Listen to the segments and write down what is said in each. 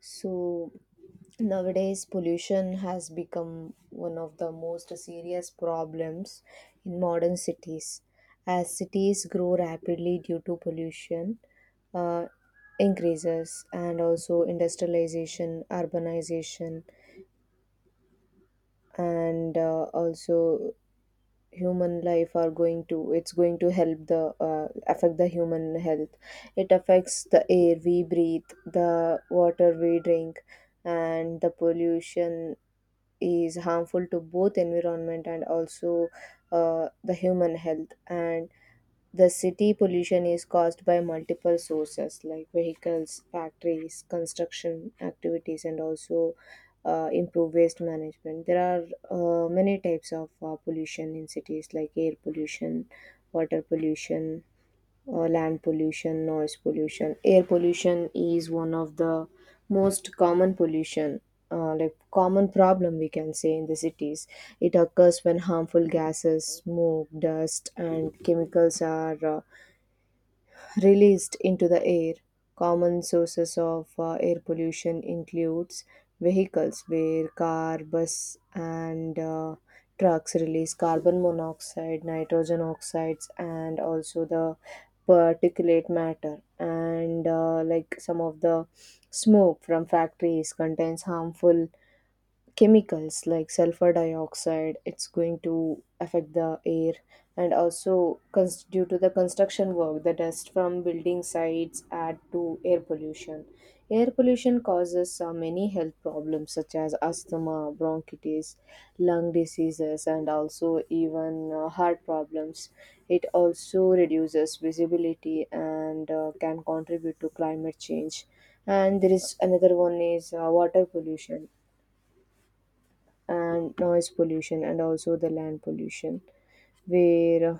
So nowadays pollution has become one of the most serious problems in modern cities as cities grow rapidly due to pollution uh, increases, and also industrialization, urbanization, and also human life are going to it's going to help the affect the human health. It affects the air we breathe, the water we drink, and the pollution is harmful to both environment and also the human health. And the city pollution is caused by multiple sources like vehicles, factories, construction activities, and also improved waste management. There are many types of pollution in cities, like air pollution, water pollution, land pollution, noise pollution. Air pollution is one of the most common pollution, like common problem we can say, in the cities. It occurs when harmful gases, smoke, dust, and chemicals are released into the air. Common sources of air pollution includes vehicles, where car, bus, and trucks release carbon monoxide, nitrogen oxides, and also the particulate matter. And like some of the smoke from factories contains harmful chemicals like sulfur dioxide. It's going to affect the air. And also due to the construction work, the dust from building sites add to air pollution. Air pollution causes many health problems such as asthma, bronchitis, lung diseases, and also even heart problems. It also reduces visibility and can contribute to climate change. And there is another one is water pollution and noise pollution and also the land pollution, where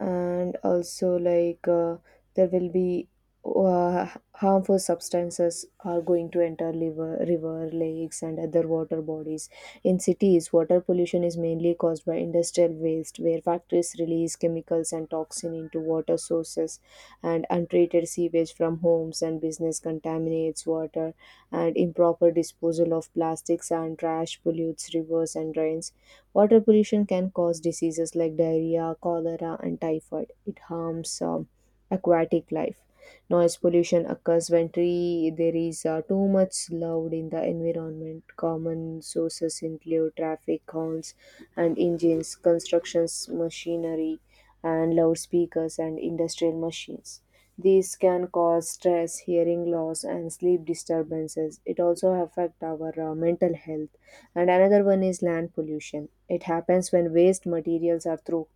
and also like there will be uh, harmful substances are going to enter liver, river, lakes, and other water bodies. In cities, water pollution is mainly caused by industrial waste, where factories release chemicals and toxin into water sources, and untreated sewage from homes and business contaminates water, and improper disposal of plastics and trash pollutes rivers and drains. Water pollution can cause diseases like diarrhea, cholera, and typhoid. It harms aquatic life. Noise pollution occurs when there is too much loud in the environment. Common sources include traffic horns and engines, constructions, machinery, and loudspeakers and industrial machines. These can cause stress, hearing loss, and sleep disturbances. It also affects our mental health. And another one is land pollution. It happens when waste materials are thrown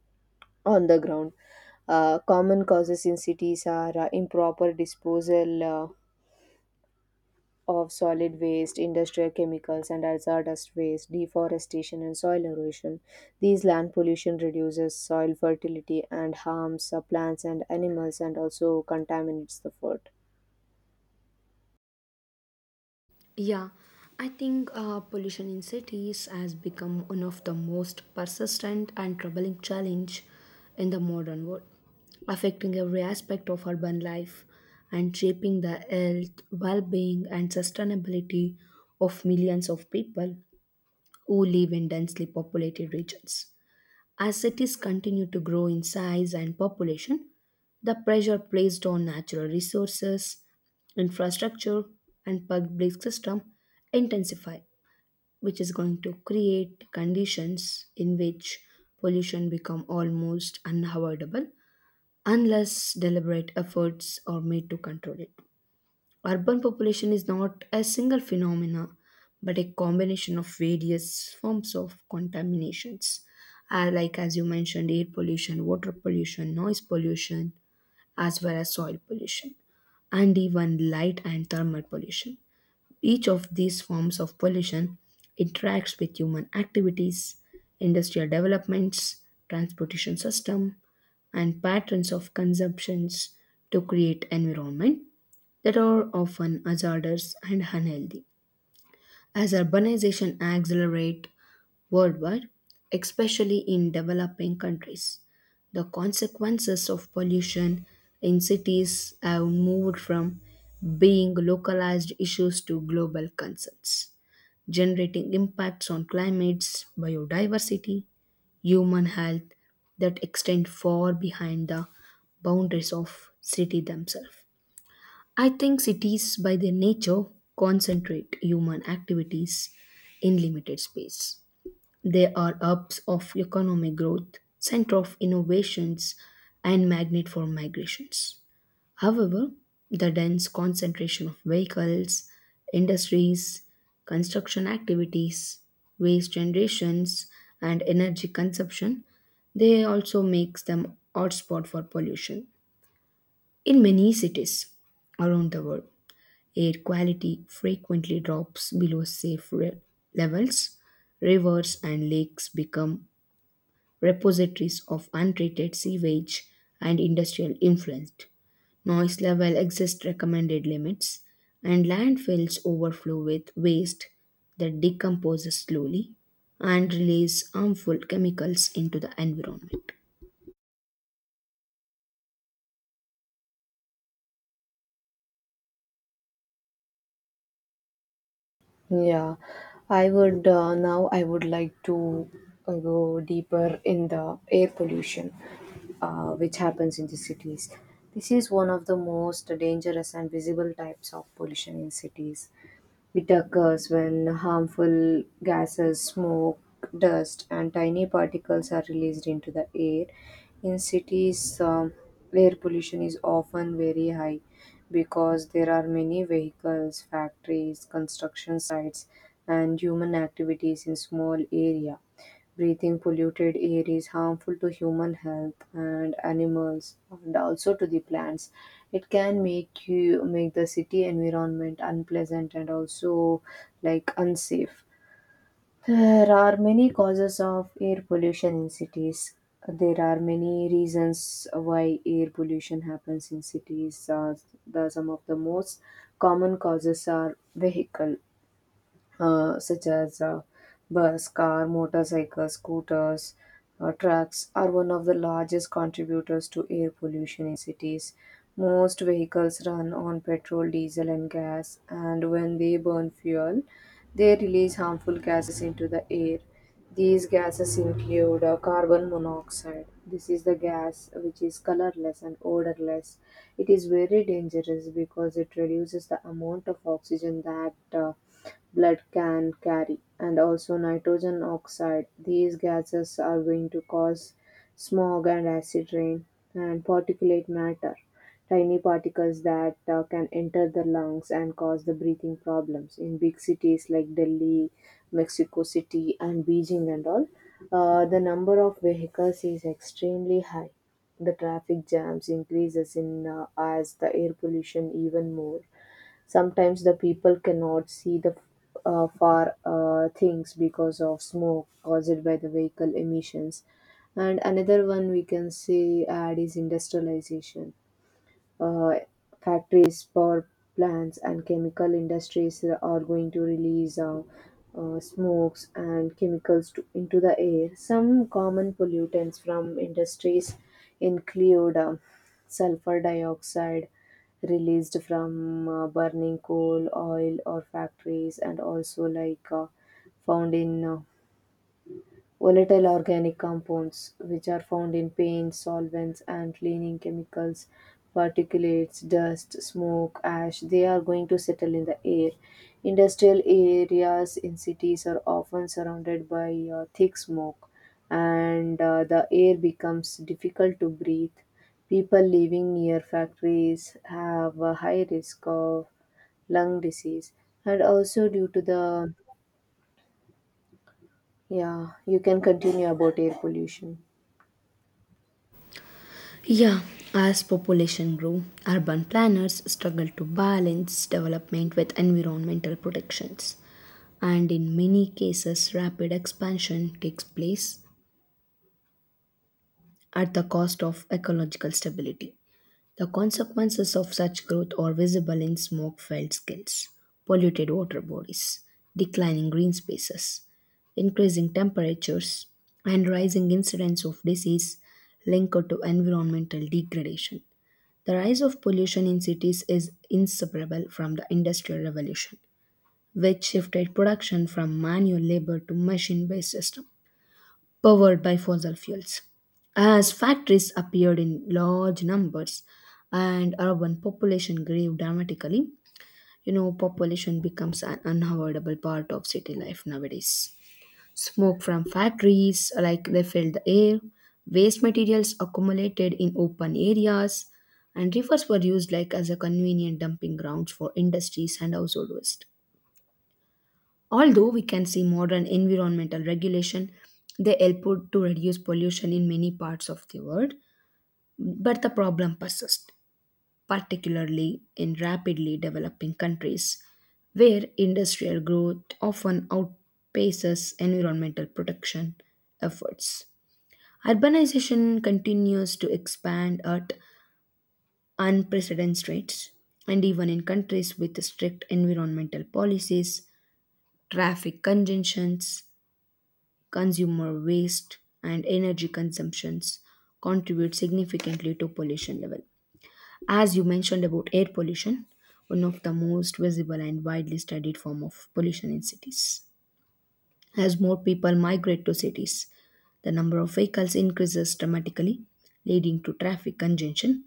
on the ground. Common causes in cities are improper disposal of solid waste, industrial chemicals, and hazardous waste, deforestation, and soil erosion. These land pollution reduces soil fertility and harms plants and animals, and also contaminates the food. Yeah, I think pollution in cities has become one of the most persistent and troubling challenge in the modern world, affecting every aspect of urban life and shaping the health, well-being, and sustainability of millions of people who live in densely populated regions. As cities continue to grow in size and population, the pressure placed on natural resources, infrastructure, and public system intensify, which is going to create conditions in which pollution become almost unavoidable unless deliberate efforts are made to control it. Urban population is not a single phenomena, but a combination of various forms of contaminations, like as you mentioned, air pollution, water pollution, noise pollution, as well as soil pollution, and even light and thermal pollution. Each of these forms of pollution interacts with human activities, industrial developments, transportation system, and patterns of consumptions to create environment that are often hazardous and unhealthy. As urbanization accelerates, worldwide, especially in developing countries. The consequences of pollution in cities have moved from being localized issues to global concerns, generating impacts on climates, biodiversity, human health that extend far behind the boundaries of city themselves. I think cities by their nature concentrate human activities in limited space, they are hubs of economic growth, center of innovations, and magnet for migrations. However, the dense concentration of vehicles, industries, construction activities, waste generations, and energy consumption, they also makes them hotspot for pollution. In many cities around the world, air quality frequently drops below safe levels. Rivers and lakes become repositories of untreated sewage and industrial influence. Noise level exceeds recommended limits, and landfills overflow with waste that decomposes slowly and release harmful chemicals into the environment. Yeah, I would now I would like to go deeper in the air pollution, which happens in the cities. This is one of the most dangerous and visible types of pollution in cities. It occurs when harmful gases, smoke, dust, and tiny particles are released into the air. In cities, air pollution is often very high because there are many vehicles, factories, construction sites, and human activities in small area. Breathing polluted air is harmful to human health and animals and also to the plants. It can make you make the city environment unpleasant and also like unsafe. There are many causes of air pollution in cities. There are many reasons why air pollution happens in cities. Some of the most common causes are vehicle, such as bus, car, motorcycles, scooters, trucks, are one of the largest contributors to air pollution in cities. Most vehicles run on petrol, diesel, and gas, and when they burn fuel, they release harmful gases into the air. These gases include carbon monoxide. This is the gas which is colorless and odorless. It is very dangerous because it reduces the amount of oxygen that blood can carry, and also nitrogen oxide. These gases are going to cause smog and acid rain, and particulate matter, tiny particles that can enter the lungs and cause the breathing problems. In big cities like Delhi, Mexico City, and Beijing, and all, the number of vehicles is extremely high. The traffic jams increases in as the air pollution even more. Sometimes the people cannot see the far things because of smoke caused by the vehicle emissions. And another one we can say add is industrialization. uh, Factories, power plants, and chemical industries are going to release smokes and chemicals into the air. Some common pollutants from industries include sulfur dioxide released from burning coal, oil, or factories, and also like found in volatile organic compounds, which are found in paints, solvents, and cleaning chemicals, particulates, dust, smoke, ash, they are going to settle in the air. Industrial areas in cities are often surrounded by thick smoke, and the air becomes difficult to breathe. People living near factories have a high risk of lung disease, and also due to the yeah, you can continue about air pollution. Yeah, as population grow, urban planners struggle to balance development with environmental protections. And in many cases, rapid expansion takes place at the cost of ecological stability. The consequences of such growth are visible in smoke filled skills, polluted water bodies, declining green spaces, increasing temperatures, and rising incidence of disease linked to environmental degradation. The rise of pollution in cities is inseparable from the Industrial Revolution, which shifted production from manual labor to machine based systems powered by fossil fuels. As factories appeared in large numbers and urban population grew dramatically, you know, population becomes an unavoidable part of city life nowadays. Smoke from factories, like they filled the air, waste materials accumulated in open areas, and rivers were used like as a convenient dumping grounds for industries and household waste. Although we can see modern environmental regulation, they help to reduce pollution in many parts of the world, but the problem persists, particularly in rapidly developing countries where industrial growth often outpaces environmental protection efforts. Urbanization continues to expand at unprecedented rates, and even in countries with strict environmental policies, traffic congestions, consumer waste, and energy consumptions contribute significantly to pollution level. As you mentioned about air pollution, one of the most visible and widely studied form of pollution in cities. As more people migrate to cities, the number of vehicles increases dramatically, leading to traffic congestion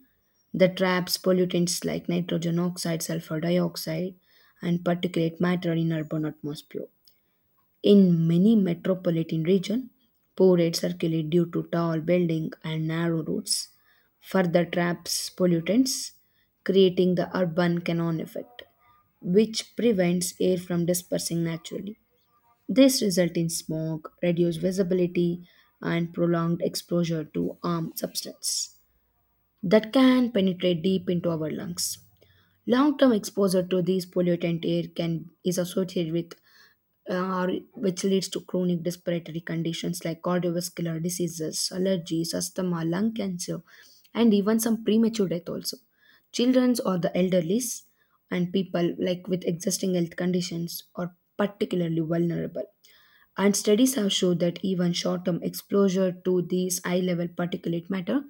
that traps pollutants like nitrogen oxide, sulfur dioxide, and particulate matter in urban atmosphere. In many metropolitan regions, poor air circulate due to tall buildings and narrow roads, further traps pollutants, creating the urban canon effect, which prevents air from dispersing naturally. This results in smog, reduced visibility, and prolonged exposure to harmful substances that can penetrate deep into our lungs. Long-term exposure to these pollutant air can is associated with or which leads to chronic respiratory conditions like cardiovascular diseases, allergies, asthma, lung cancer, and even some premature death also. Children or the elderly and people like with existing health conditions are particularly vulnerable. And studies have shown that even short-term exposure to these high-level particulate matter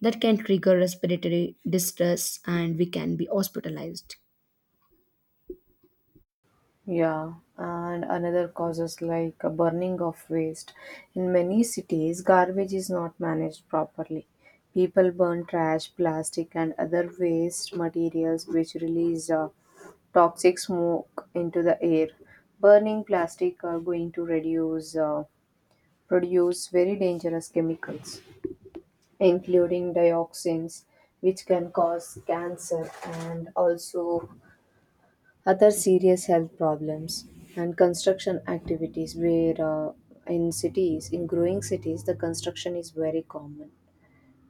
that can trigger respiratory distress and we can be hospitalized. Yeah, and another causes like a burning of waste. In many cities, garbage is not managed properly. People burn trash, plastic, and other waste materials which release toxic smoke into the air. Burning plastic are going to reduce produce very dangerous chemicals, including dioxins, which can cause cancer and also other serious health problems. And construction activities, where in cities, in growing cities, the construction is very common.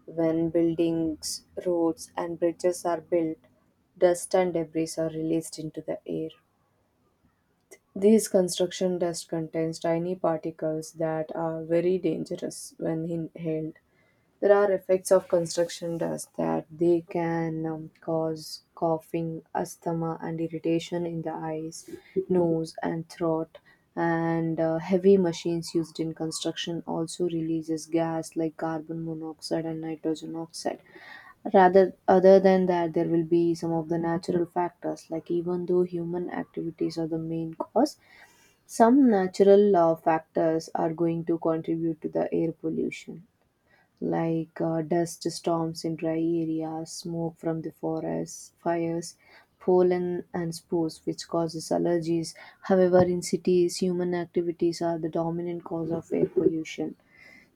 When buildings, roads, and bridges are built, dust and debris are released into the air. These construction dust contains tiny particles that are very dangerous when inhaled. There are effects of construction dust that they can cause coughing, asthma, and irritation in the eyes, nose, and throat. And heavy machines used in construction also releases gas like carbon monoxide and nitrogen oxide. Rather, other than that, there will be some of the natural factors. Like even though human activities are the main cause, some natural factors are going to contribute to the air pollution, like dust storms in dry areas, smoke from the forest fires, pollen and spores, which causes allergies. However, in cities, human activities are the dominant cause of air pollution.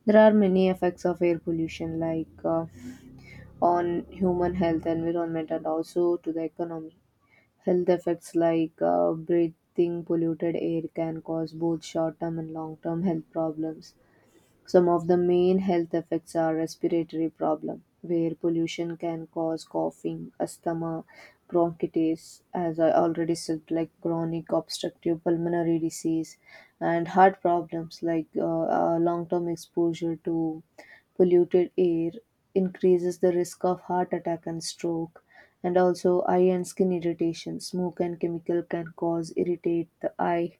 There are many effects of air pollution, like on human health, environment, and also to the economy. Health effects, like breathing polluted air can cause both short term and long term health problems. Some of the main health effects are respiratory problem, where pollution can cause coughing, asthma, bronchitis, as I already said, like chronic obstructive pulmonary disease, and heart problems, like long-term exposure to polluted air increases the risk of heart attack and stroke. And also eye and skin irritation. Smoke and chemical can cause irritate the eye,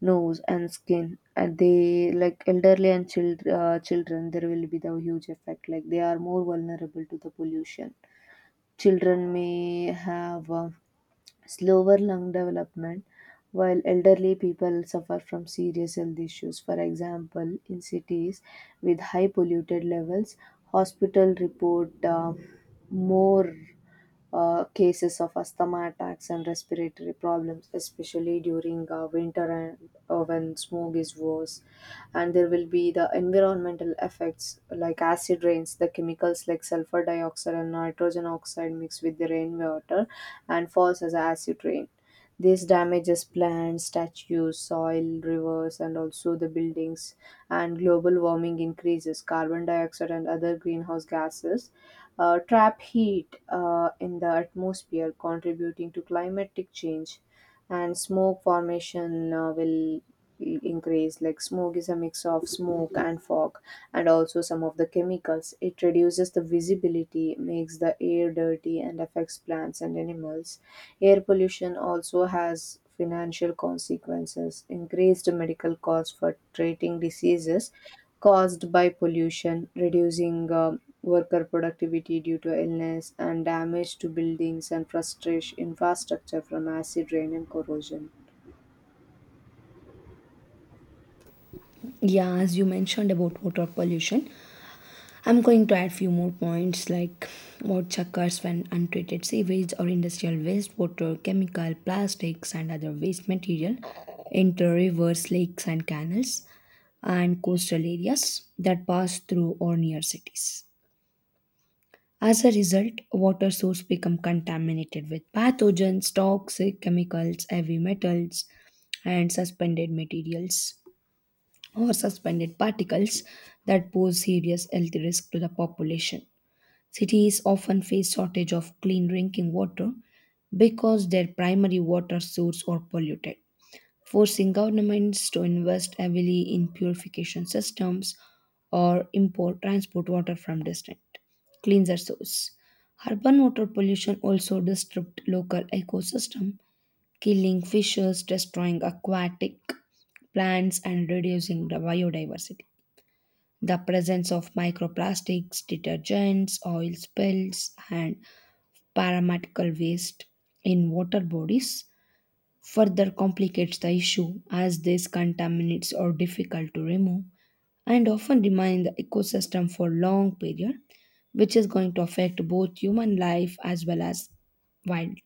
nose, and skin. And they, like elderly and children, there will be the huge effect, like they are more vulnerable to the pollution. Children may have slower lung development, while elderly people suffer from serious health issues. For example, in cities with high polluted levels, hospital report more cases of asthma attacks and respiratory problems, especially during winter and when smog is worse. And there will be the environmental effects like acid rains. The chemicals like sulfur dioxide and nitrogen oxide mixed with the rainwater and falls as acid rain. This damages plants, statues, soil, rivers, and also the buildings. And global warming increases carbon dioxide and other greenhouse gases trap heat in the atmosphere, contributing to climatic change. And smoke formation will increase. Like smoke is a mix of smoke and fog, and also some of the chemicals. It reduces the visibility, makes the air dirty, and affects plants and animals. Air pollution also has financial consequences, increased medical costs for treating diseases caused by pollution, reducing worker productivity due to illness, and damage to buildings and frustration infrastructure from acid rain and corrosion. Yeah, as you mentioned about water pollution, I'm going to add few more points like what occurs when untreated sewage or industrial wastewater, chemical, plastics, and other waste material enter rivers, lakes, and canals and coastal areas that pass through or near cities. As a result, water source become contaminated with pathogens, toxic chemicals, heavy metals, and suspended materials or suspended particles that pose serious health risk to the population. Cities often face shortage of clean drinking water because their primary water sources are polluted, forcing governments to invest heavily in purification systems or import transport water from distant cleanser source. Urban water pollution also disrupts local ecosystem, killing fishes, destroying aquatic plants and reducing the biodiversity. The presence of microplastics, detergents, oil spills, and paramedical waste in water bodies further complicates the issue as these contaminants are difficult to remove and often remain in the ecosystem for long period, which is going to affect both human life as well as wild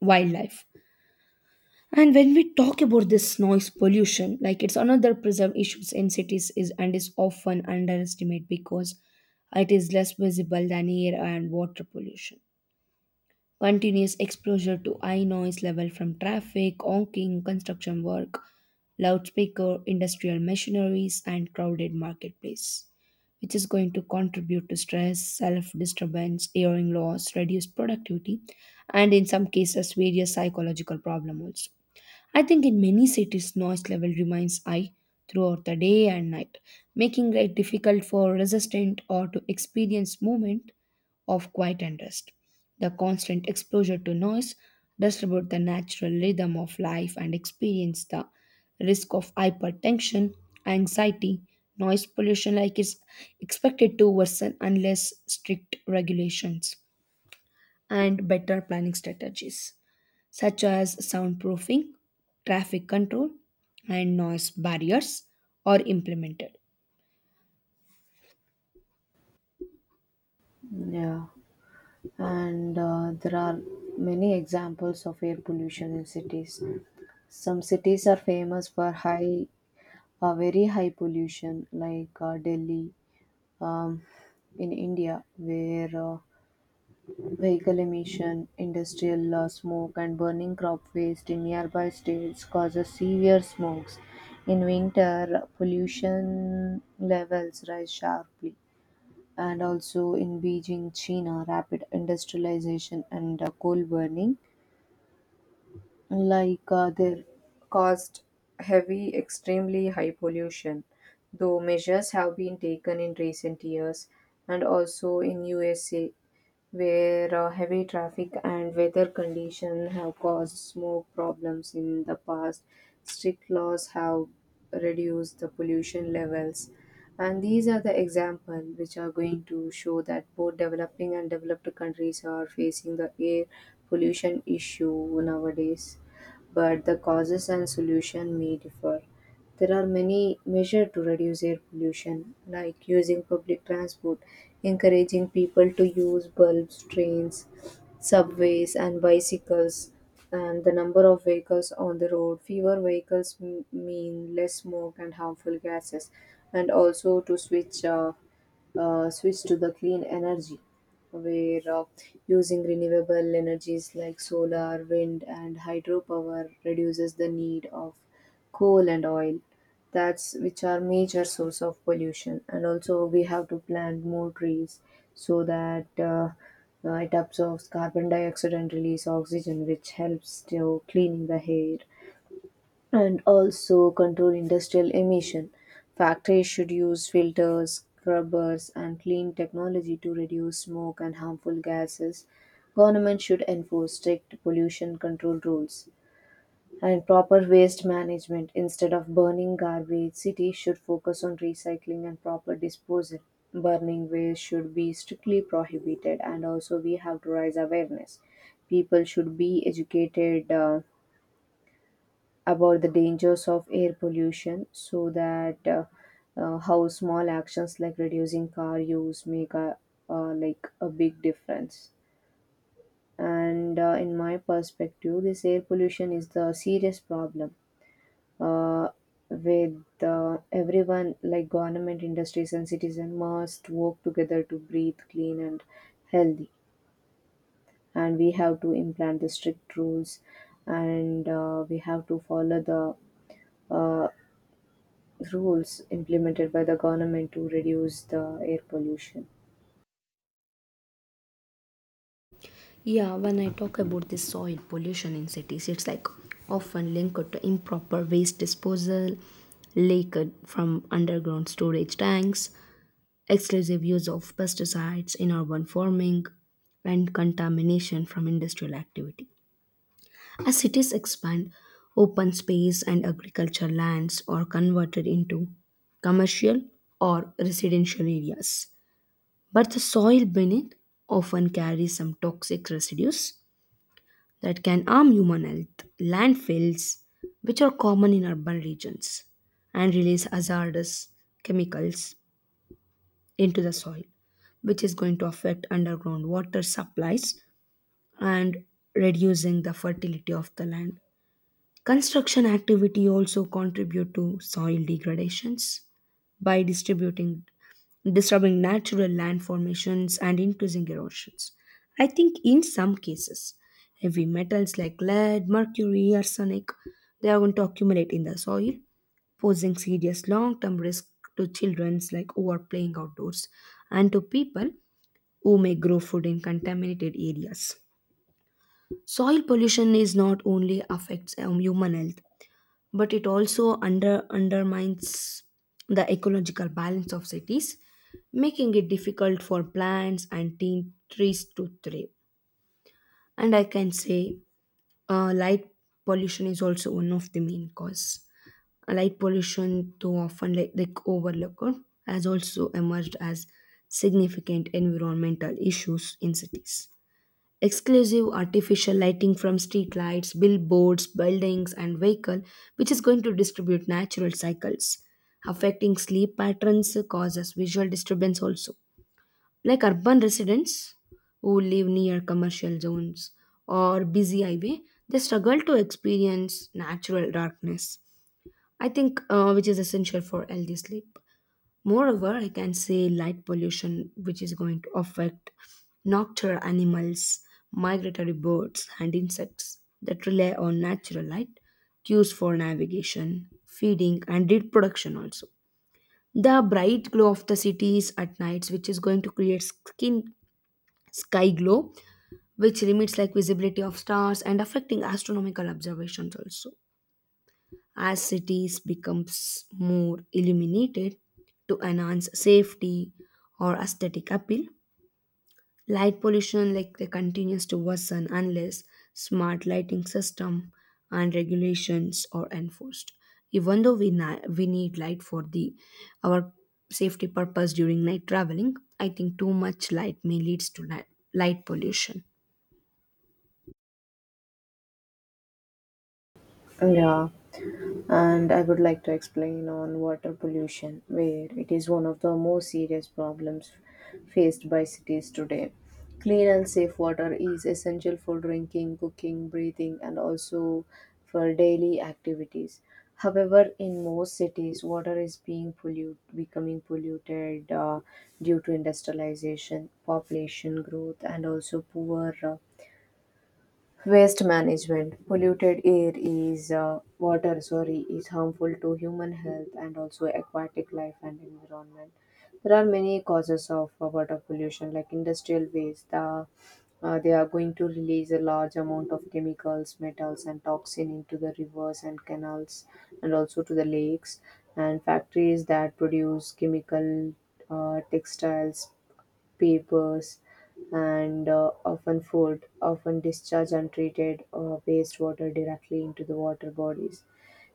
wildlife. And when we talk about this noise pollution, like it's another preserve issues in cities is and is often underestimated because it is less visible than air and water pollution. Continuous exposure to high noise level from traffic, honking, construction work, loudspeaker, industrial machineries, and crowded marketplace, which is going to contribute to stress, self-disturbance, hearing loss, reduced productivity, and in some cases various psychological problems also. I think in many cities, noise level remains high throughout the day and night, making it difficult for resistant or to experience movement of quiet and rest. The constant exposure to noise disturbs the natural rhythm of life and experience the risk of hypertension, anxiety, noise pollution like is expected to worsen unless strict regulations and better planning strategies such as soundproofing, traffic control, and noise barriers are implemented. Yeah, and there are many examples of air pollution in cities. Some cities are famous for very high pollution, like Delhi um, in India, where vehicle emission, industrial smoke, and burning crop waste in nearby states causes severe smokes. In winter, pollution levels rise sharply. And also in Beijing, China, rapid industrialization and coal burning, like they caused extremely high pollution. Though measures have been taken in recent years, and also in USA, where heavy traffic and weather conditions have caused smoke problems in the past. Strict laws have reduced the pollution levels. And these are the examples which are going to show that both developing and developed countries are facing the air pollution issue nowadays, but the causes and solution may differ. There are many measures to reduce air pollution, like using public transport, encouraging people to use bulbs, trains, subways, and bicycles, and the number of vehicles on the road. Fewer vehicles mean less smoke and harmful gases, and also to switch to the clean energy, where using renewable energies like solar, wind, and hydropower reduces the need of coal and oil. That's which are major source of pollution. And also, we have to plant more trees so that it absorbs carbon dioxide and release oxygen, which helps to cleaning the air and also control industrial emission. Factories should use filters, scrubbers, and clean technology to reduce smoke and harmful gases. Government should enforce strict pollution control rules and proper waste management. Instead of burning garbage, cities should focus on recycling and proper disposal. Burning waste should be strictly prohibited, and also we have to raise awareness. People should be educated about the dangers of air pollution so that how small actions like reducing car use make a like a big difference and in my perspective this air pollution is the serious problem uh, with everyone like government industries and citizen must work together to breathe clean and healthy, and we have to implant the strict rules and we have to follow the uh, rules implemented by the government to reduce the air pollution. Yeah, when I talk about the soil pollution in cities, it's like often linked to improper waste disposal, leakage from underground storage tanks, exclusive use of pesticides in urban farming, and contamination from industrial activity. As cities expand, open space and agricultural lands are converted into commercial or residential areas. But the soil beneath often carries some toxic residues that can harm human health, landfills, which are common in urban regions, and release hazardous chemicals into the soil, which is going to affect underground water supplies and reducing the fertility of the land. Construction activity also contribute to soil degradations by distributing disturbing natural land formations and increasing erosions. I think in some cases, heavy metals like lead, mercury, arsenic, they are going to accumulate in the soil posing serious long-term risk to childrens like who are playing outdoors and to people who may grow food in contaminated areas. Soil pollution is not only affects human health, but it also undermines the ecological balance of cities, making it difficult for plants and teen trees to thrive. And I can say, light pollution is also one of the main cause. Light pollution, too often like overlooked, has also emerged as significant environmental issues in cities. Exclusive artificial lighting from streetlights, billboards, buildings, and vehicle, which is going to distribute natural cycles, affecting sleep patterns, causes visual disturbance also. Like urban residents who live near commercial zones or busy highway, they struggle to experience natural darkness I think, which is essential for healthy sleep. Moreover, I can say light pollution, which is going to affect nocturnal animals, migratory birds, and insects that rely on natural light cues for navigation, feeding, and reproduction also. The bright glow of the cities at nights, which is going to create skin sky glow, which limits like visibility of stars and affecting astronomical observations also. As cities becomes more illuminated to enhance safety or aesthetic appeal, light pollution like they continues to worsen unless smart lighting system and regulations are enforced. Even though we need light for the our safety purpose during night traveling, I think too much light may leads to light pollution. Yeah, and I would like to explain on water pollution, where it is one of the most serious problems faced by cities today. Clean and safe water is essential for drinking, cooking, breathing, and also for daily activities. However, in most cities, water is being polluted, becoming polluted due to industrialization, population growth, and also poor waste management. Polluted air is water, sorry, is harmful to human health and also aquatic life and environment. There are many causes of water pollution, like industrial waste. They are going to release a large amount of chemicals, metals, and toxin into the rivers and canals, and also to the lakes. And factories that produce chemical, textiles, papers, and often discharge untreated wastewater directly into the water bodies.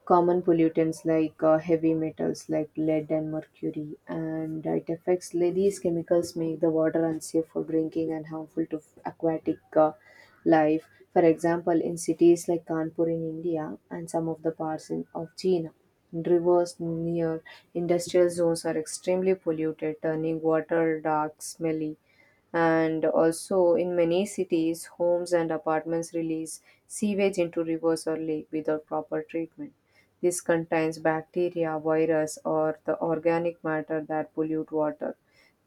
Common pollutants like heavy metals like lead and mercury, and it affects like, these chemicals make the water unsafe for drinking and harmful to aquatic life. For example, in cities like Kanpur in India and some of the parts in, of China, rivers near industrial zones are extremely polluted, turning water dark, smelly, and also, in many cities, homes and apartments release sewage into rivers or lake without proper treatment. This contains bacteria, virus, or the organic matter that pollute water.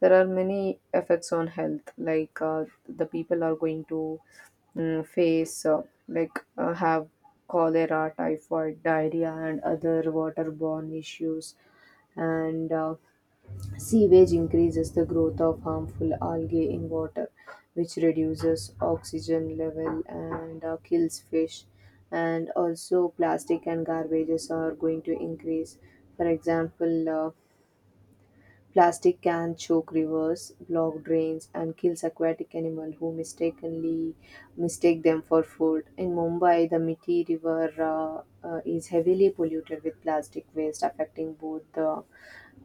There are many effects on health, like the people are going to mm, face, like have cholera, typhoid, diarrhea, and other waterborne issues. And sewage increases the growth of harmful algae in water, which reduces oxygen level and kills fish. And also, plastic and garbages are going to increase. For example, plastic can choke rivers, block drains, and kills aquatic animal who mistake them for food. In Mumbai, the Mithi River is heavily polluted with plastic waste, affecting both the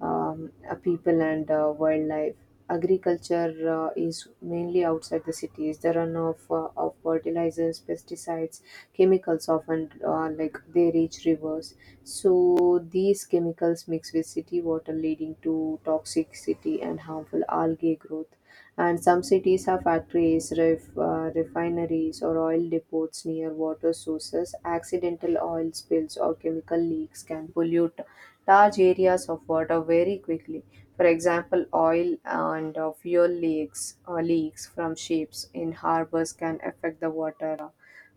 people and wildlife. Agriculture is mainly outside the cities. The runoff of fertilizers, pesticides, chemicals often like they reach rivers. So these chemicals mix with city water leading to toxicity and harmful algae growth. And some cities have factories, refineries or oil depots near water sources. Accidental oil spills or chemical leaks can pollute large areas of water very quickly. For example, oil and fuel leaks or leaks from ships in harbors can affect the water uh,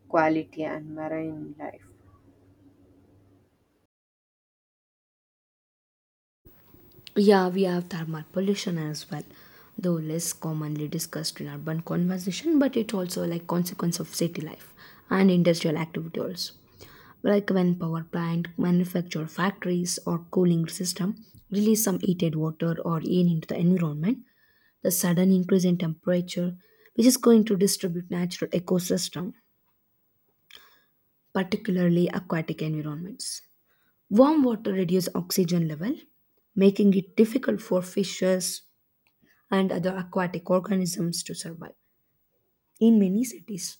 quality and marine life. Yeah, we have thermal pollution as well, though less commonly discussed in urban conversation, but it also like consequence of city life and industrial activity also. Like when power plant, manufacture factories or cooling system release some heated water or air into the environment, the sudden increase in temperature, which is going to distribute natural ecosystem, particularly aquatic environments. Warm water reduces oxygen level, making it difficult for fishes and other aquatic organisms to survive. In many cities,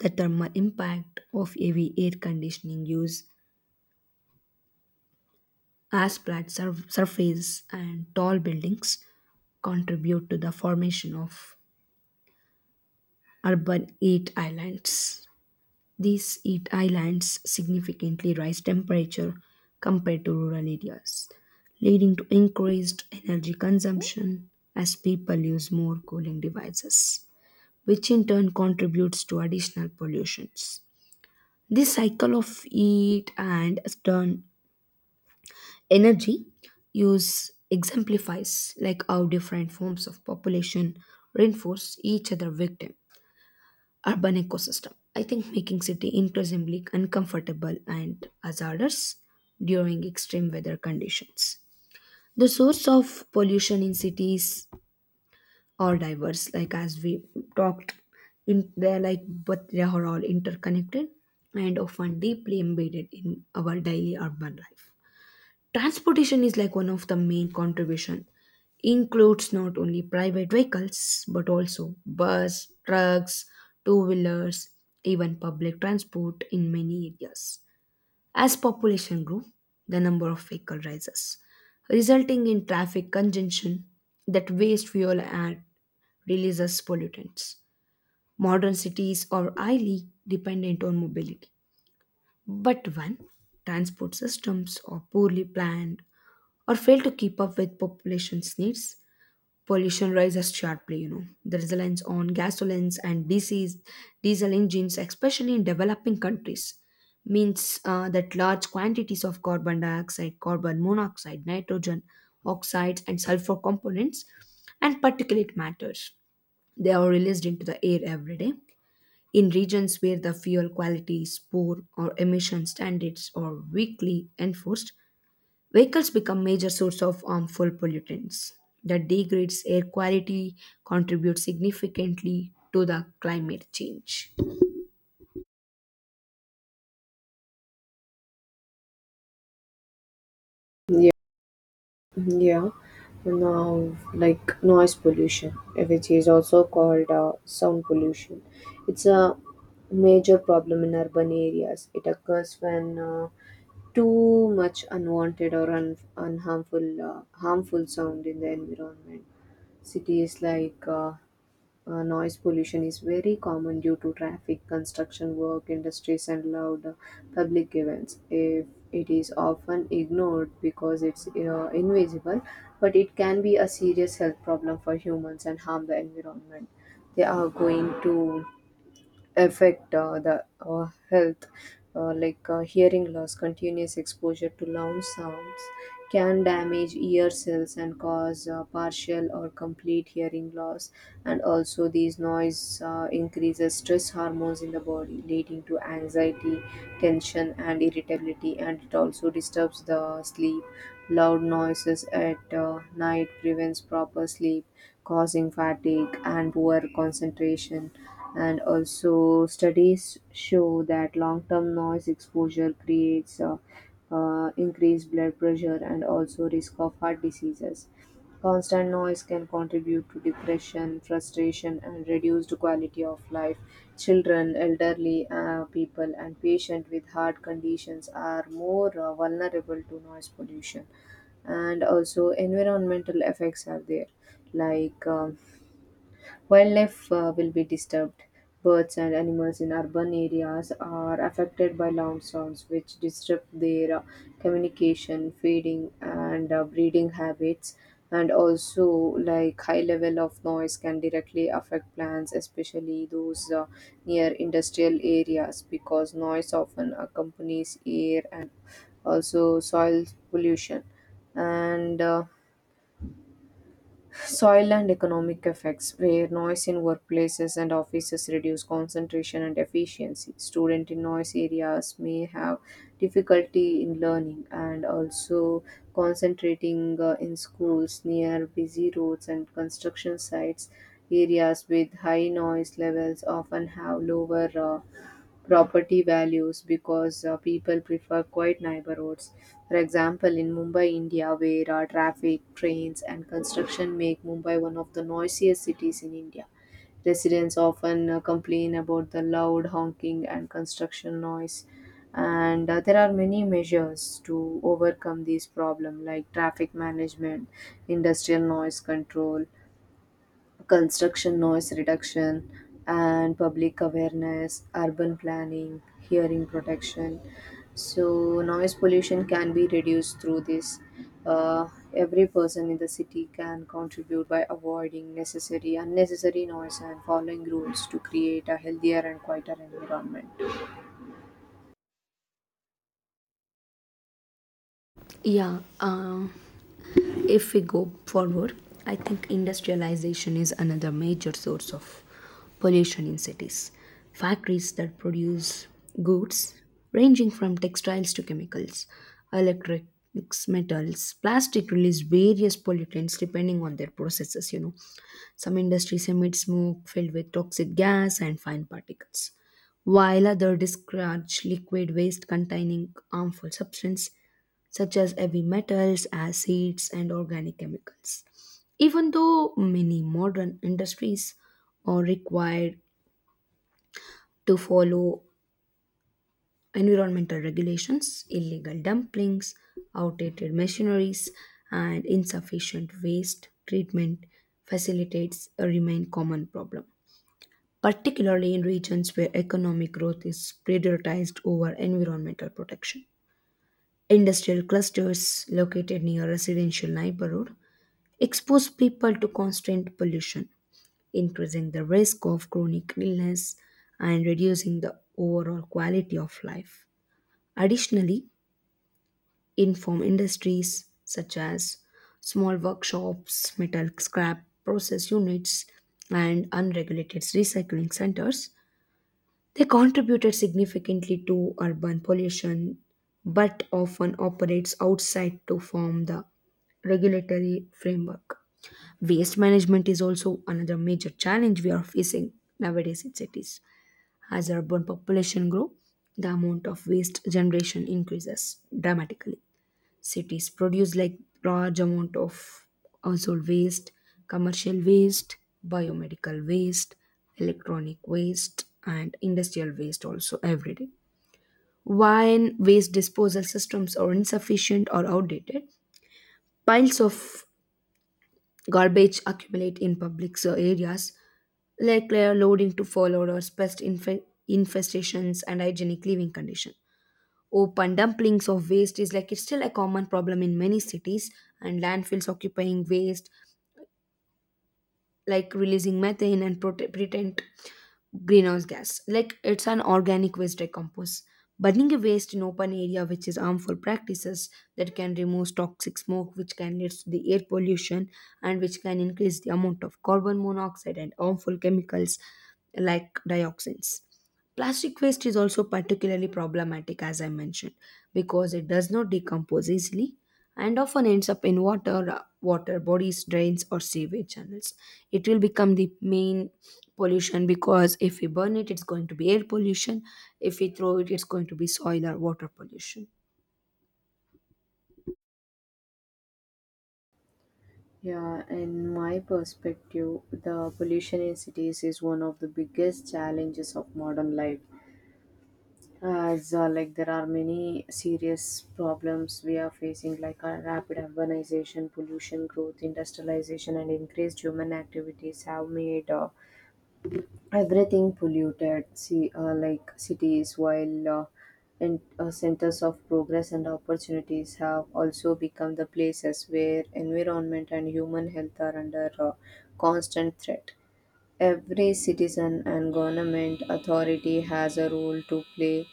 the thermal impact of heavy air conditioning use as surface and tall buildings contribute to the formation of urban heat islands. These heat islands significantly rise temperature compared to rural areas, leading to increased energy consumption as people use more cooling devices, which in turn contributes to additional pollutions. This cycle of heat and stern energy use exemplifies like how different forms of population reinforce each other victim urban ecosystem. I think making city increasingly uncomfortable and hazardous during extreme weather conditions. The source of pollution in cities all diverse, like as we talked in they're like, but they are all interconnected and often deeply embedded in our daily urban life. Transportation is like one of the main contribution, includes not only private vehicles but also bus, trucks, two wheelers, even public transport in many areas. As population grew, the number of vehicles rises, resulting in traffic congestion that waste fuel and releases pollutants. Modern cities are highly dependent on mobility. But when transport systems are poorly planned or fail to keep up with population's needs, pollution rises sharply. You know, the reliance on gasolines and diesel engines, especially in developing countries, means that large quantities of carbon dioxide, carbon monoxide, nitrogen oxides and sulfur components, and particulate matters, they are released into the air every day. In regions where the fuel quality is poor or emission standards are weakly enforced, vehicles become major source of harmful pollutants that degrades air quality, contribute significantly to the climate change. Yeah, now like noise pollution, which is also called sound pollution. It's a major problem in urban areas. It occurs when too much unwanted or unharmful harmful sound in the environment. Cities like noise pollution is very common due to traffic, construction work, industries, and loud public events. If it is often ignored because it's invisible, but it can be a serious health problem for humans and harm the environment. They are going to affect the health hearing loss, continuous exposure to loud sounds can damage ear cells and cause partial or complete hearing loss, and also these noise increases stress hormones in the body leading to anxiety, tension and irritability, and it also disturbs the sleep. Loud noises at night prevents proper sleep, causing fatigue and poor concentration, and also studies show that long-term noise exposure creates increased blood pressure and also risk of heart diseases. Constant noise can contribute to depression, frustration and reduced quality of life. Children, elderly people and patients with heart conditions are more vulnerable to noise pollution, and also environmental effects are there, like wildlife will be disturbed. Birds and animals in urban areas are affected by loud sounds, which disrupt their communication, feeding, and breeding habits. And also, like high level of noise can directly affect plants, especially those near industrial areas, because noise often accompanies air and also soil pollution. And soil and economic effects, where noise in workplaces and offices reduce concentration and efficiency. Students in noise areas may have difficulty in learning and also concentrating in schools near busy roads and construction sites. Areas with high noise levels often have lower property values because people prefer quiet neighborhoods. For example, in Mumbai, India, where traffic, trains, and construction make Mumbai one of the noisiest cities in India. Residents often complain about the loud honking and construction noise. And there are many measures to overcome this problem, like traffic management, industrial noise control, construction noise reduction and public awareness, urban planning, hearing protection. So, noise pollution can be reduced through this. Uh, every person in the city can contribute by avoiding unnecessary noise and following rules to create a healthier and quieter environment. Yeah, if we go forward, I think industrialization is another major source of pollution in cities. Factories that produce goods ranging from textiles to chemicals, electronics, metals, plastic release various pollutants depending on their processes, you know. Some industries emit smoke filled with toxic gas and fine particles, while others discharge liquid waste containing harmful substances such as heavy metals, acids, and organic chemicals. Even though many modern industries are required to follow environmental regulations, illegal dumplings, outdated machineries, and insufficient waste treatment facilitates a remain common problem, particularly in regions where economic growth is prioritized over environmental protection. Industrial clusters located near residential neighborhoods expose people to constant pollution, increasing the risk of chronic illness and reducing the overall quality of life. Additionally, inform industries such as small workshops, metal scrap process units, and unregulated recycling centers, they contributed significantly to urban pollution, but often operates outside to form the regulatory framework. Waste management is also another major challenge we are facing nowadays in cities. As urban population grow, the amount of waste generation increases dramatically. Cities produce like large amount of household waste, commercial waste, biomedical waste, electronic waste, and industrial waste also every day. When waste disposal systems are insufficient or outdated, piles of garbage accumulate in public so areas, like layer loading to fall odors, infestations, and hygienic living conditions. Open dumplings of waste is like it's still a common problem in many cities, and landfills occupying waste, like releasing methane and pretend greenhouse gas, like it's an organic waste decompose. Burning a waste in open area, which is harmful practices that can remove toxic smoke, which can lead to the air pollution, and which can increase the amount of carbon monoxide and harmful chemicals like dioxins. Plastic waste is also particularly problematic, as I mentioned, because it does not decompose easily and often ends up in water, water bodies, drains, or sewage channels. It will become the main pollution, because if we burn it, it's going to be air pollution. If we throw it, it's going to be soil or water pollution. Yeah, in my perspective, the pollution in cities is one of the biggest challenges of modern life, as like there are many serious problems we are facing like rapid urbanization, pollution growth, industrialization and increased human activities have made everything polluted. See like cities, while and centers of progress and opportunities have also become the places where environment and human health are under constant threat. Every citizen and government authority has a role to play.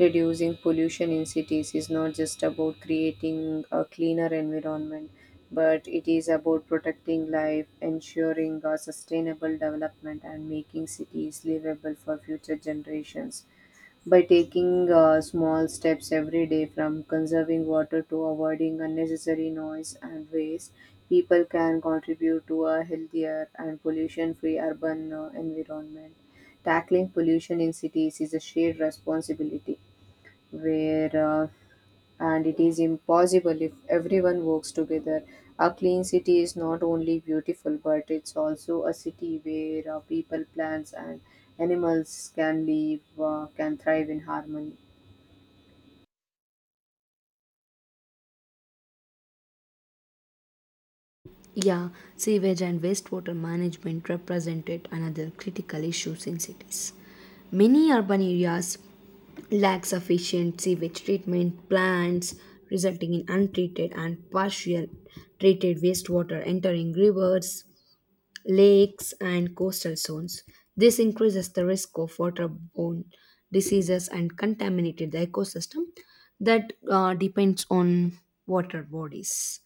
Reducing pollution in cities is not just about creating a cleaner environment, but it is about protecting life, ensuring a sustainable development, and making cities livable for future generations. By taking small steps every day, from conserving water to avoiding unnecessary noise and waste, people can contribute to a healthier and pollution free urban environment. Tackling pollution in cities is a shared responsibility where and it is impossible if everyone works together. A clean city is not only beautiful, but it's also a city where people, plants, and animals can can thrive in harmony. Yeah, sewage and wastewater management represented another critical issue in cities. Many urban areas lack sufficient sewage treatment plants, resulting in untreated and partial treated wastewater entering rivers, lakes, and coastal zones. This increases the risk of waterborne diseases and contaminated the ecosystem that depends on water bodies.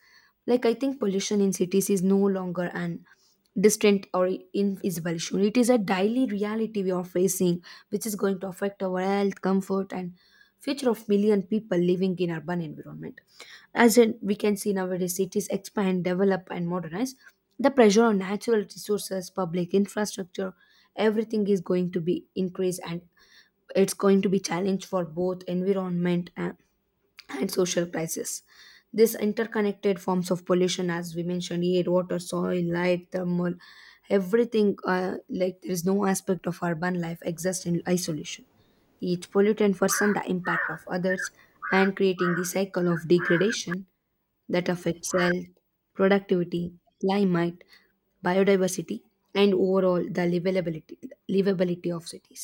Like, I think pollution in cities is no longer an distant or invisible issue. It is a daily reality we are facing, which is going to affect our health, comfort, and future of million people living in urban environment. As in, we can see nowadays cities expand, develop, and modernize. The pressure on natural resources, public infrastructure, everything is going to be increased, and it's going to be challenge for both environment and social crisis. This interconnected forms of pollution, as we mentioned, air, water, soil, light, thermal, everything. Like, there is no aspect of urban life exists in isolation. Each pollutant worsen the impact of others and creating the cycle of degradation that affects health, productivity, climate, biodiversity, and overall the livability of cities.